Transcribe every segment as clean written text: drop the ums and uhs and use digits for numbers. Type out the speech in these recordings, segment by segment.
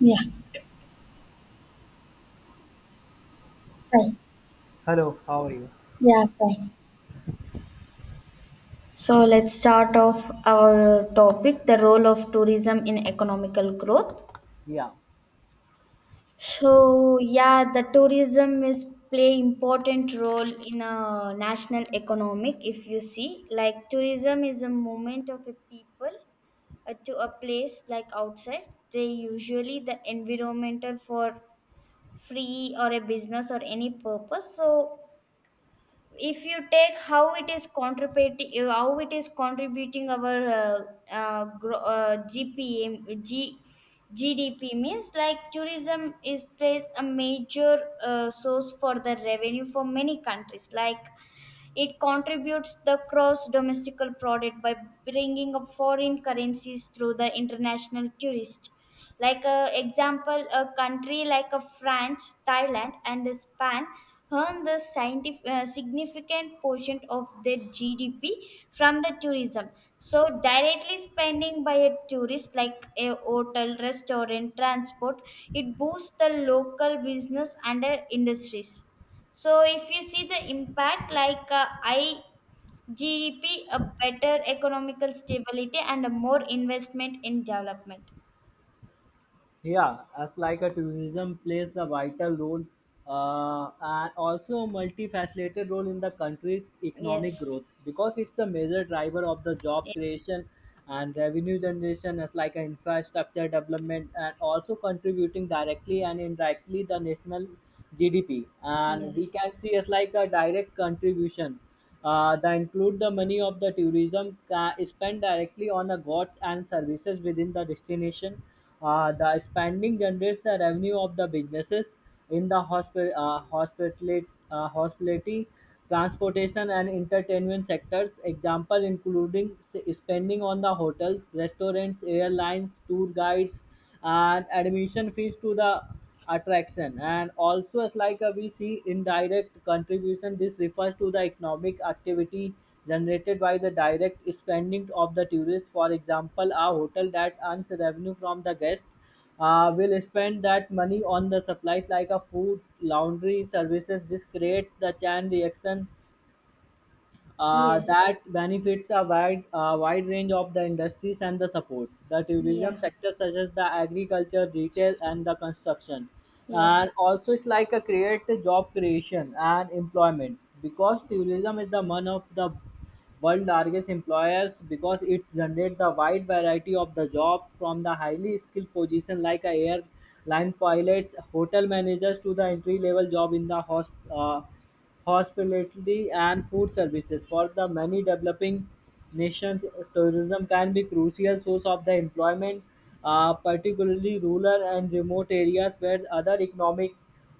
Yeah, fine. Hello, how are you? Yeah, fine. So let's start off our topic the role of tourism in economical growth. Yeah. So yeah, the tourism is play important role in a national economic if you see like tourism is a movement of a people to a place like outside they usually the environmental for free or a business or any purpose so if you take how it is contributing our uh, gro- uh, gpm G, GDP means like tourism is plays a major source for the revenue for many countries like it contributes the gross domestic product by bringing up foreign currencies through the international tourist. Like a example, a country like a France, Thailand, and Spain earn the significant portion of their GDP from the tourism. So directly spending by a tourist like a hotel, restaurant, transport, it boosts the local business and industries. So if you see the impact like I G D P, a better economical stability and a more investment in development. Yeah, as like a tourism plays a vital role and also multifaceted role in the country's economic Yes. growth because it's a major driver of the job Yes. creation and revenue generation as like an infrastructure development and also contributing directly and indirectly the national GDP. And we Yes. can see as like a direct contribution that include the money of the tourism spent directly on the goods and services within the destination. Uh, the spending generates the revenue of the businesses in the hospitality, transportation, and entertainment sectors. Example including spending on the hotels, restaurants, airlines, tour guides, and admission fees to the attraction, and also as like we see indirect contribution. This refers to the economic activity generated by the direct spending of the tourist. For example, a hotel that earns revenue from the guest will spend that money on the supplies like a food laundry services. This creates the chain reaction Yes. that benefits a wide range of the industries and the support. The tourism Yeah. sector, such as the agriculture, retail, and the construction, Yes. and also it's like a create the job creation and employment because tourism is the one of the world largest employers because it generates the wide variety of the jobs from the highly skilled position like a airline pilots, hotel managers, to the entry level job in the hospitality and food services. For the many developing nations, tourism can be crucial source of the employment, particularly rural and remote areas where other economic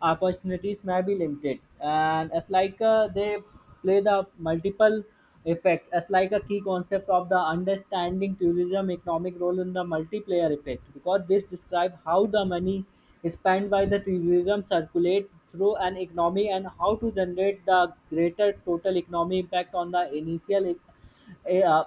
opportunities may be limited. And it's like they play the multiple effect as like a key concept of the understanding tourism economic role in the multiplayer effect because this describe how the money spent by the tourism circulate through an economy and how to generate the greater total economy impact on the initial uh,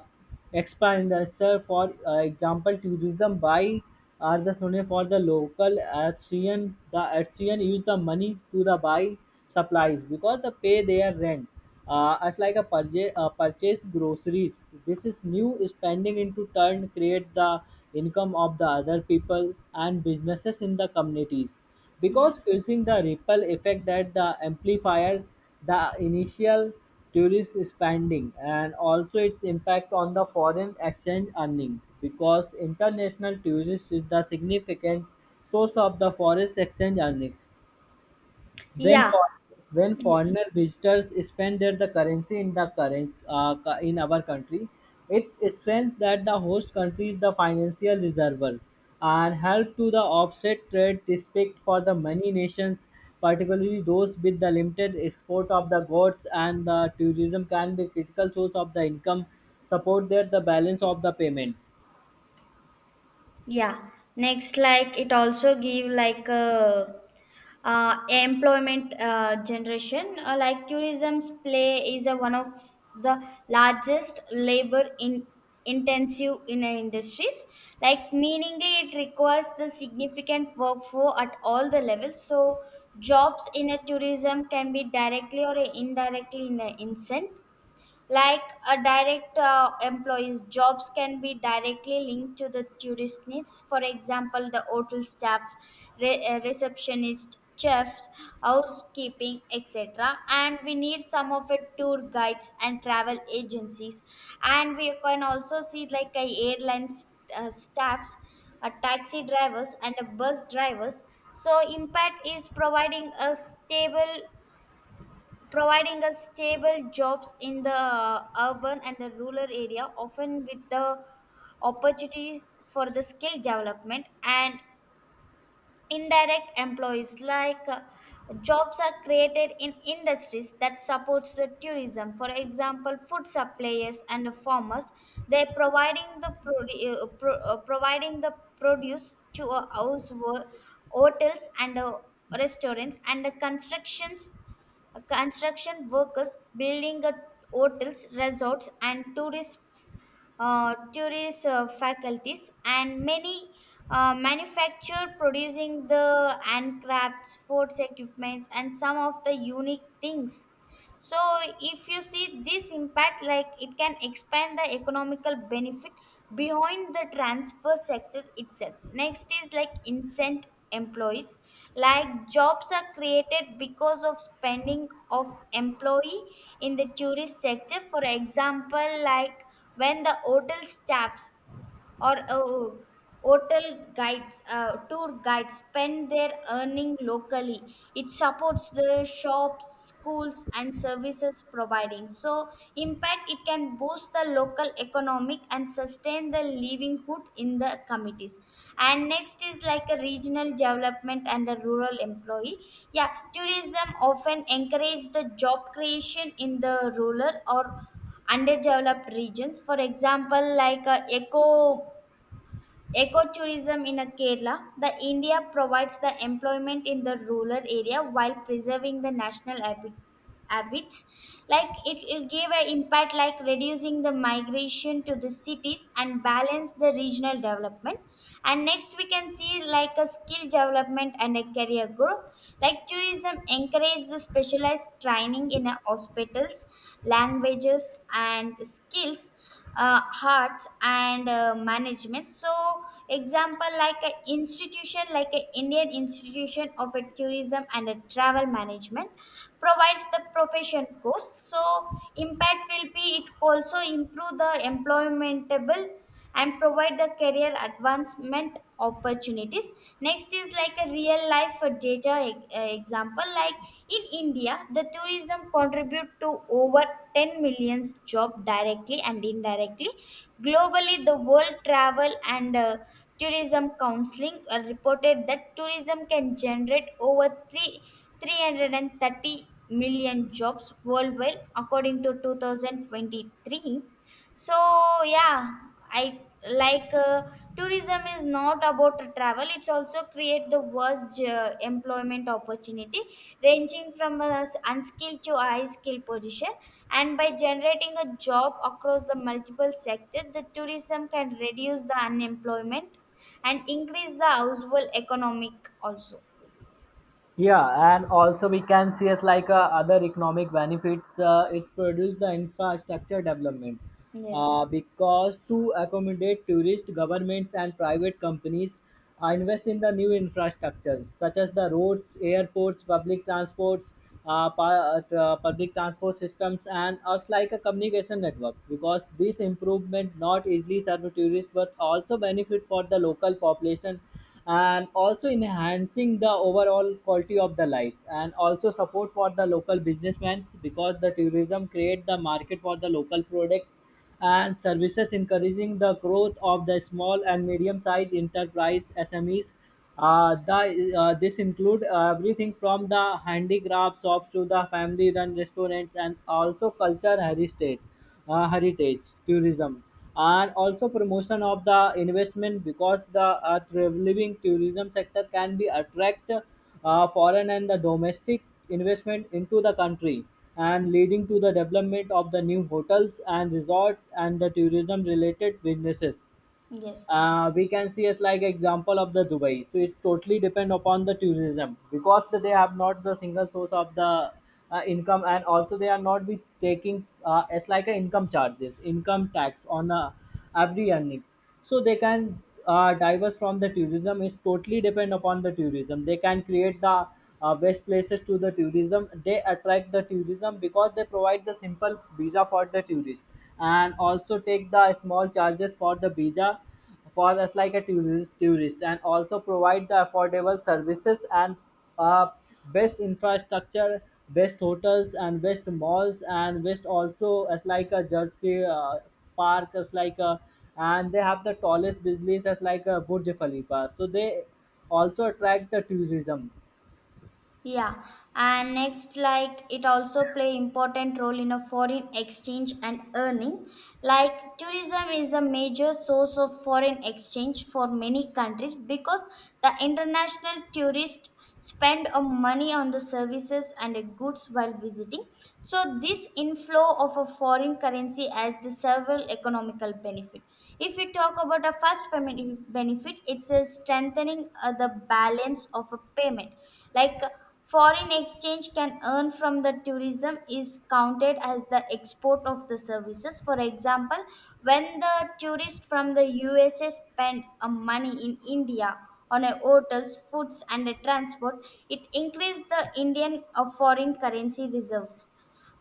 expand. So, for example, tourism buy are the money for the local Austrian. The Austrian use the money to the buy supplies because they pay their rent. As like purchase groceries. This is new spending into turn create the income of the other people and businesses in the communities because Yes. using the ripple effect that the amplifiers the initial tourist spending, and also its impact on the foreign exchange earning because international tourists is the significant source of the foreign exchange earnings. When Yeah. for when Yes. foreigner visitors spend their the currency in the in our country, it strengthens that the host country is the financial reserves and help to the offset trade respect for the many nations, particularly those with the limited export of the goods, and the tourism can be critical source of the income, support their the balance of the payment. Yeah, next like it also give like a employment generation like tourism's play is a one of the largest labor in intensive in industries like meaningly it requires the significant workforce at all the levels so jobs in a tourism can be directly or indirectly in a incent like a direct employee's jobs can be directly linked to the tourist needs. For example, the hotel staff, receptionist, chefs, housekeeping, etc. And we need some of it tour guides and travel agencies. And we can also see like a airline staffs, a taxi drivers, and a bus drivers. So impact is providing us stable jobs in the urban and the rural area often with the opportunities for the skill development and indirect employees like jobs are created in industries that supports the tourism for example food suppliers and farmers they providing the produce to hotels and restaurants and the construction workers building hotels resorts and tourist tourist faculties, and many manufacture producing the handcrafts, sports equipments, and some of the unique things. So, if you see this impact, like it can expand the economical benefit beyond the transfer sector itself. Next is like incent employees like jobs are created because of spending of employee in the tourist sector for example like when the hotel staffs or hotel guides tour guides spend their earning locally it supports the shops schools and services providing so impact it can boost the local economic and sustain the livelihood in the committees and next is like a regional development and a rural employee yeah tourism often encourage the job creation in the rural or underdeveloped regions for example like ecotourism in Kerala the India provides the employment in the rural area while preserving the national habits like it gave an impact like reducing the migration to the cities and balance the regional development and next we can see like a skill development and a career growth like tourism encourage the specialized training in a hospitals languages and skills arts and management so example like an institution like an Indian institution of a tourism and a travel management provides the profession course so impact will be it also improve the employmentable and provide the career advancement opportunities next is like a real life data example like in India the tourism contribute to over 10 millions job directly and indirectly globally the world travel and tourism counseling reported that tourism can generate over 3 330 million jobs worldwide according to 2023 so yeah, I like tourism is not about travel. It's also create the worst employment opportunity, ranging from a unskilled to a high skilled position. And by generating a job across the multiple sectors, the tourism can reduce the unemployment and increase the household economic also. Yeah, and also we can see as like other economic benefits. It's produced the infrastructure development Yes, because to accommodate tourists, governments and private companies invest in the new infrastructure such as the roads, airports, public transport systems and us like a communication network because this improvement not easily serve tourists but also benefit for the local population, and also enhancing the overall quality of the life, and also support for the local businessmen because the tourism create the market for the local products and services, encouraging the growth of the small and medium-sized enterprise SMEs. This include everything from the handicraft shops to the family-run restaurants, and also heritage tourism, and also promotion of the investment because the thriving tourism sector can be attract foreign and the domestic investment into the country and leading to the development of the new hotels and resorts and the tourism related businesses. yes. We can see as like example of the Dubai. So it totally depend upon the tourism because they have not the single source of the income, and also they are not be taking as like a income charges income tax on every earnings, so they can diverse from the tourism. It's totally depend upon the tourism. They can create the best places to the tourism. They attract the tourism because they provide the simple visa for the tourist and also take the small charges for the visa for us like a tourist, and also provide the affordable services and uh, best infrastructure, best hotels, and best malls, and best also as like a jersey park as like a, and they have the tallest buildings as like a Burj Khalifa, so they also attract the tourism. Yeah, and next, like it also play important role in a foreign exchange and earning. Like tourism is a major source of foreign exchange for many countries because the international tourists spend a money on the services and the goods while visiting. So this inflow of a foreign currency has the several economical benefit. If we talk about a first benefit, it's a strengthening the balance of a payment like foreign exchange can earn from the tourism is counted as the export of the services. For example, when the tourists from the USA spend money in India on a hotels, foods, and a transport, it increases the Indian foreign currency reserves.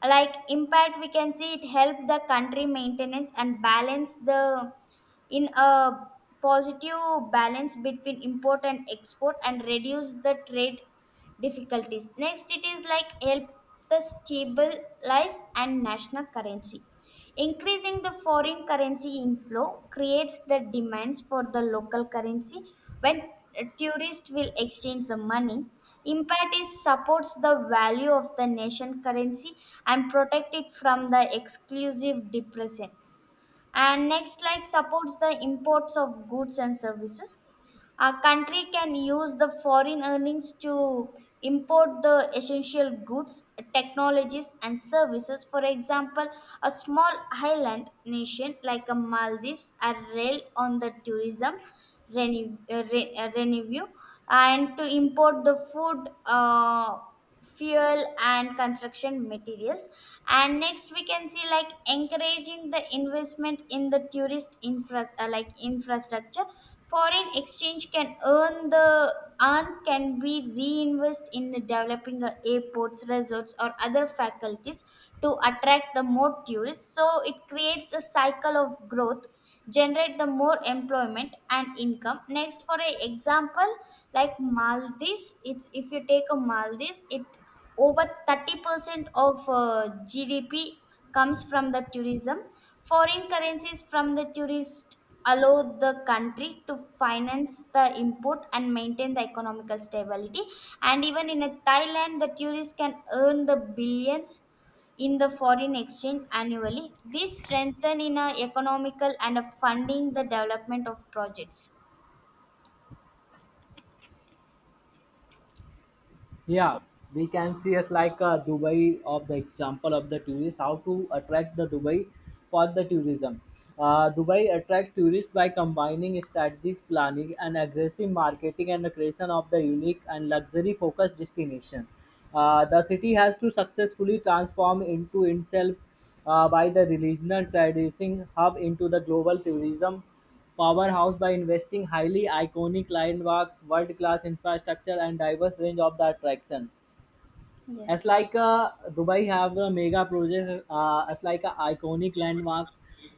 Like impact, we can see it help the country maintenance and balance the in a positive balance between import and export and reduce the trade difficulties. Next, it is like help the stabilize and national currency. Increasing the foreign currency inflow creates the demands for the local currency when tourists will exchange the money. Impact is supports the value of the nation currency and protect it from the exclusive depression and next like supports the imports of goods and services a country can use the foreign earnings to import the essential goods technologies and services for example a small island nation like a Maldives are rail on the tourism revenue and to import the food fuel and construction materials and next we can see like encouraging the investment in the tourist infra like infrastructure foreign exchange can earn the earn can be reinvested in developing airports resorts or other faculties to attract the more tourists so it creates a cycle of growth generate the more employment and income next for a example like maldives it's if you take a Maldives it over 30% of GDP comes from the tourism foreign currencies from the tourist allow the country to finance the import and maintain the economical stability and even in a Thailand the tourists can earn the billions in the foreign exchange annually. This strengthen in a economical and a funding the development of projects. Ye- Yeah, we can see as like Dubai of the example of the tourists, how to attract the Dubai for the tourism. Dubai attract tourists by combining strategic planning and aggressive marketing and the creation of the unique and luxury focused destination. The city has to successfully transform into itself by the regional trading hub into the global tourism powerhouse by investing highly iconic landmarks, world-class infrastructure, and diverse range of the attraction. As Yes, like Dubai have the mega projects, as like a iconic landmarks.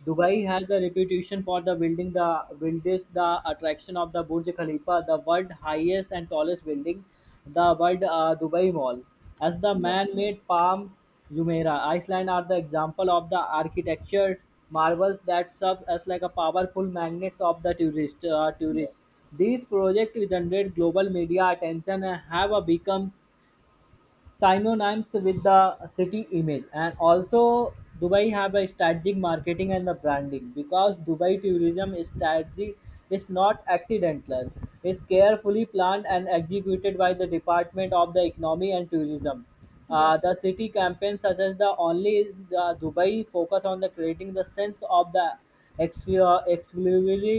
Dubai has the reputation for the building the buildest the attraction of the Burj Khalifa, the world highest and tallest building, the world Dubai Mall. As the yes, man-made palm Jumeirah, Iceland are the example of the architecture marvels that serve as like a powerful magnets of the tourists. yes, These projects generate global media attention and have a become synonyms with the city image, and also Dubai have a strategic marketing and the branding because Dubai tourism strategy is not accidental. It's carefully planned and executed by the department of the economy and tourism. Yes, The city campaign such as the only is the Dubai focus on the creating the sense of the exclusively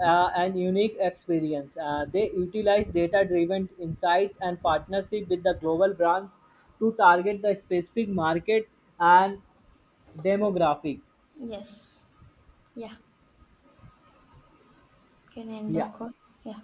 and unique experience. They utilize data-driven insights and partnership with the global brands to target the specific market and demographic. yes. Yeah, can end the Yeah. call. Yeah.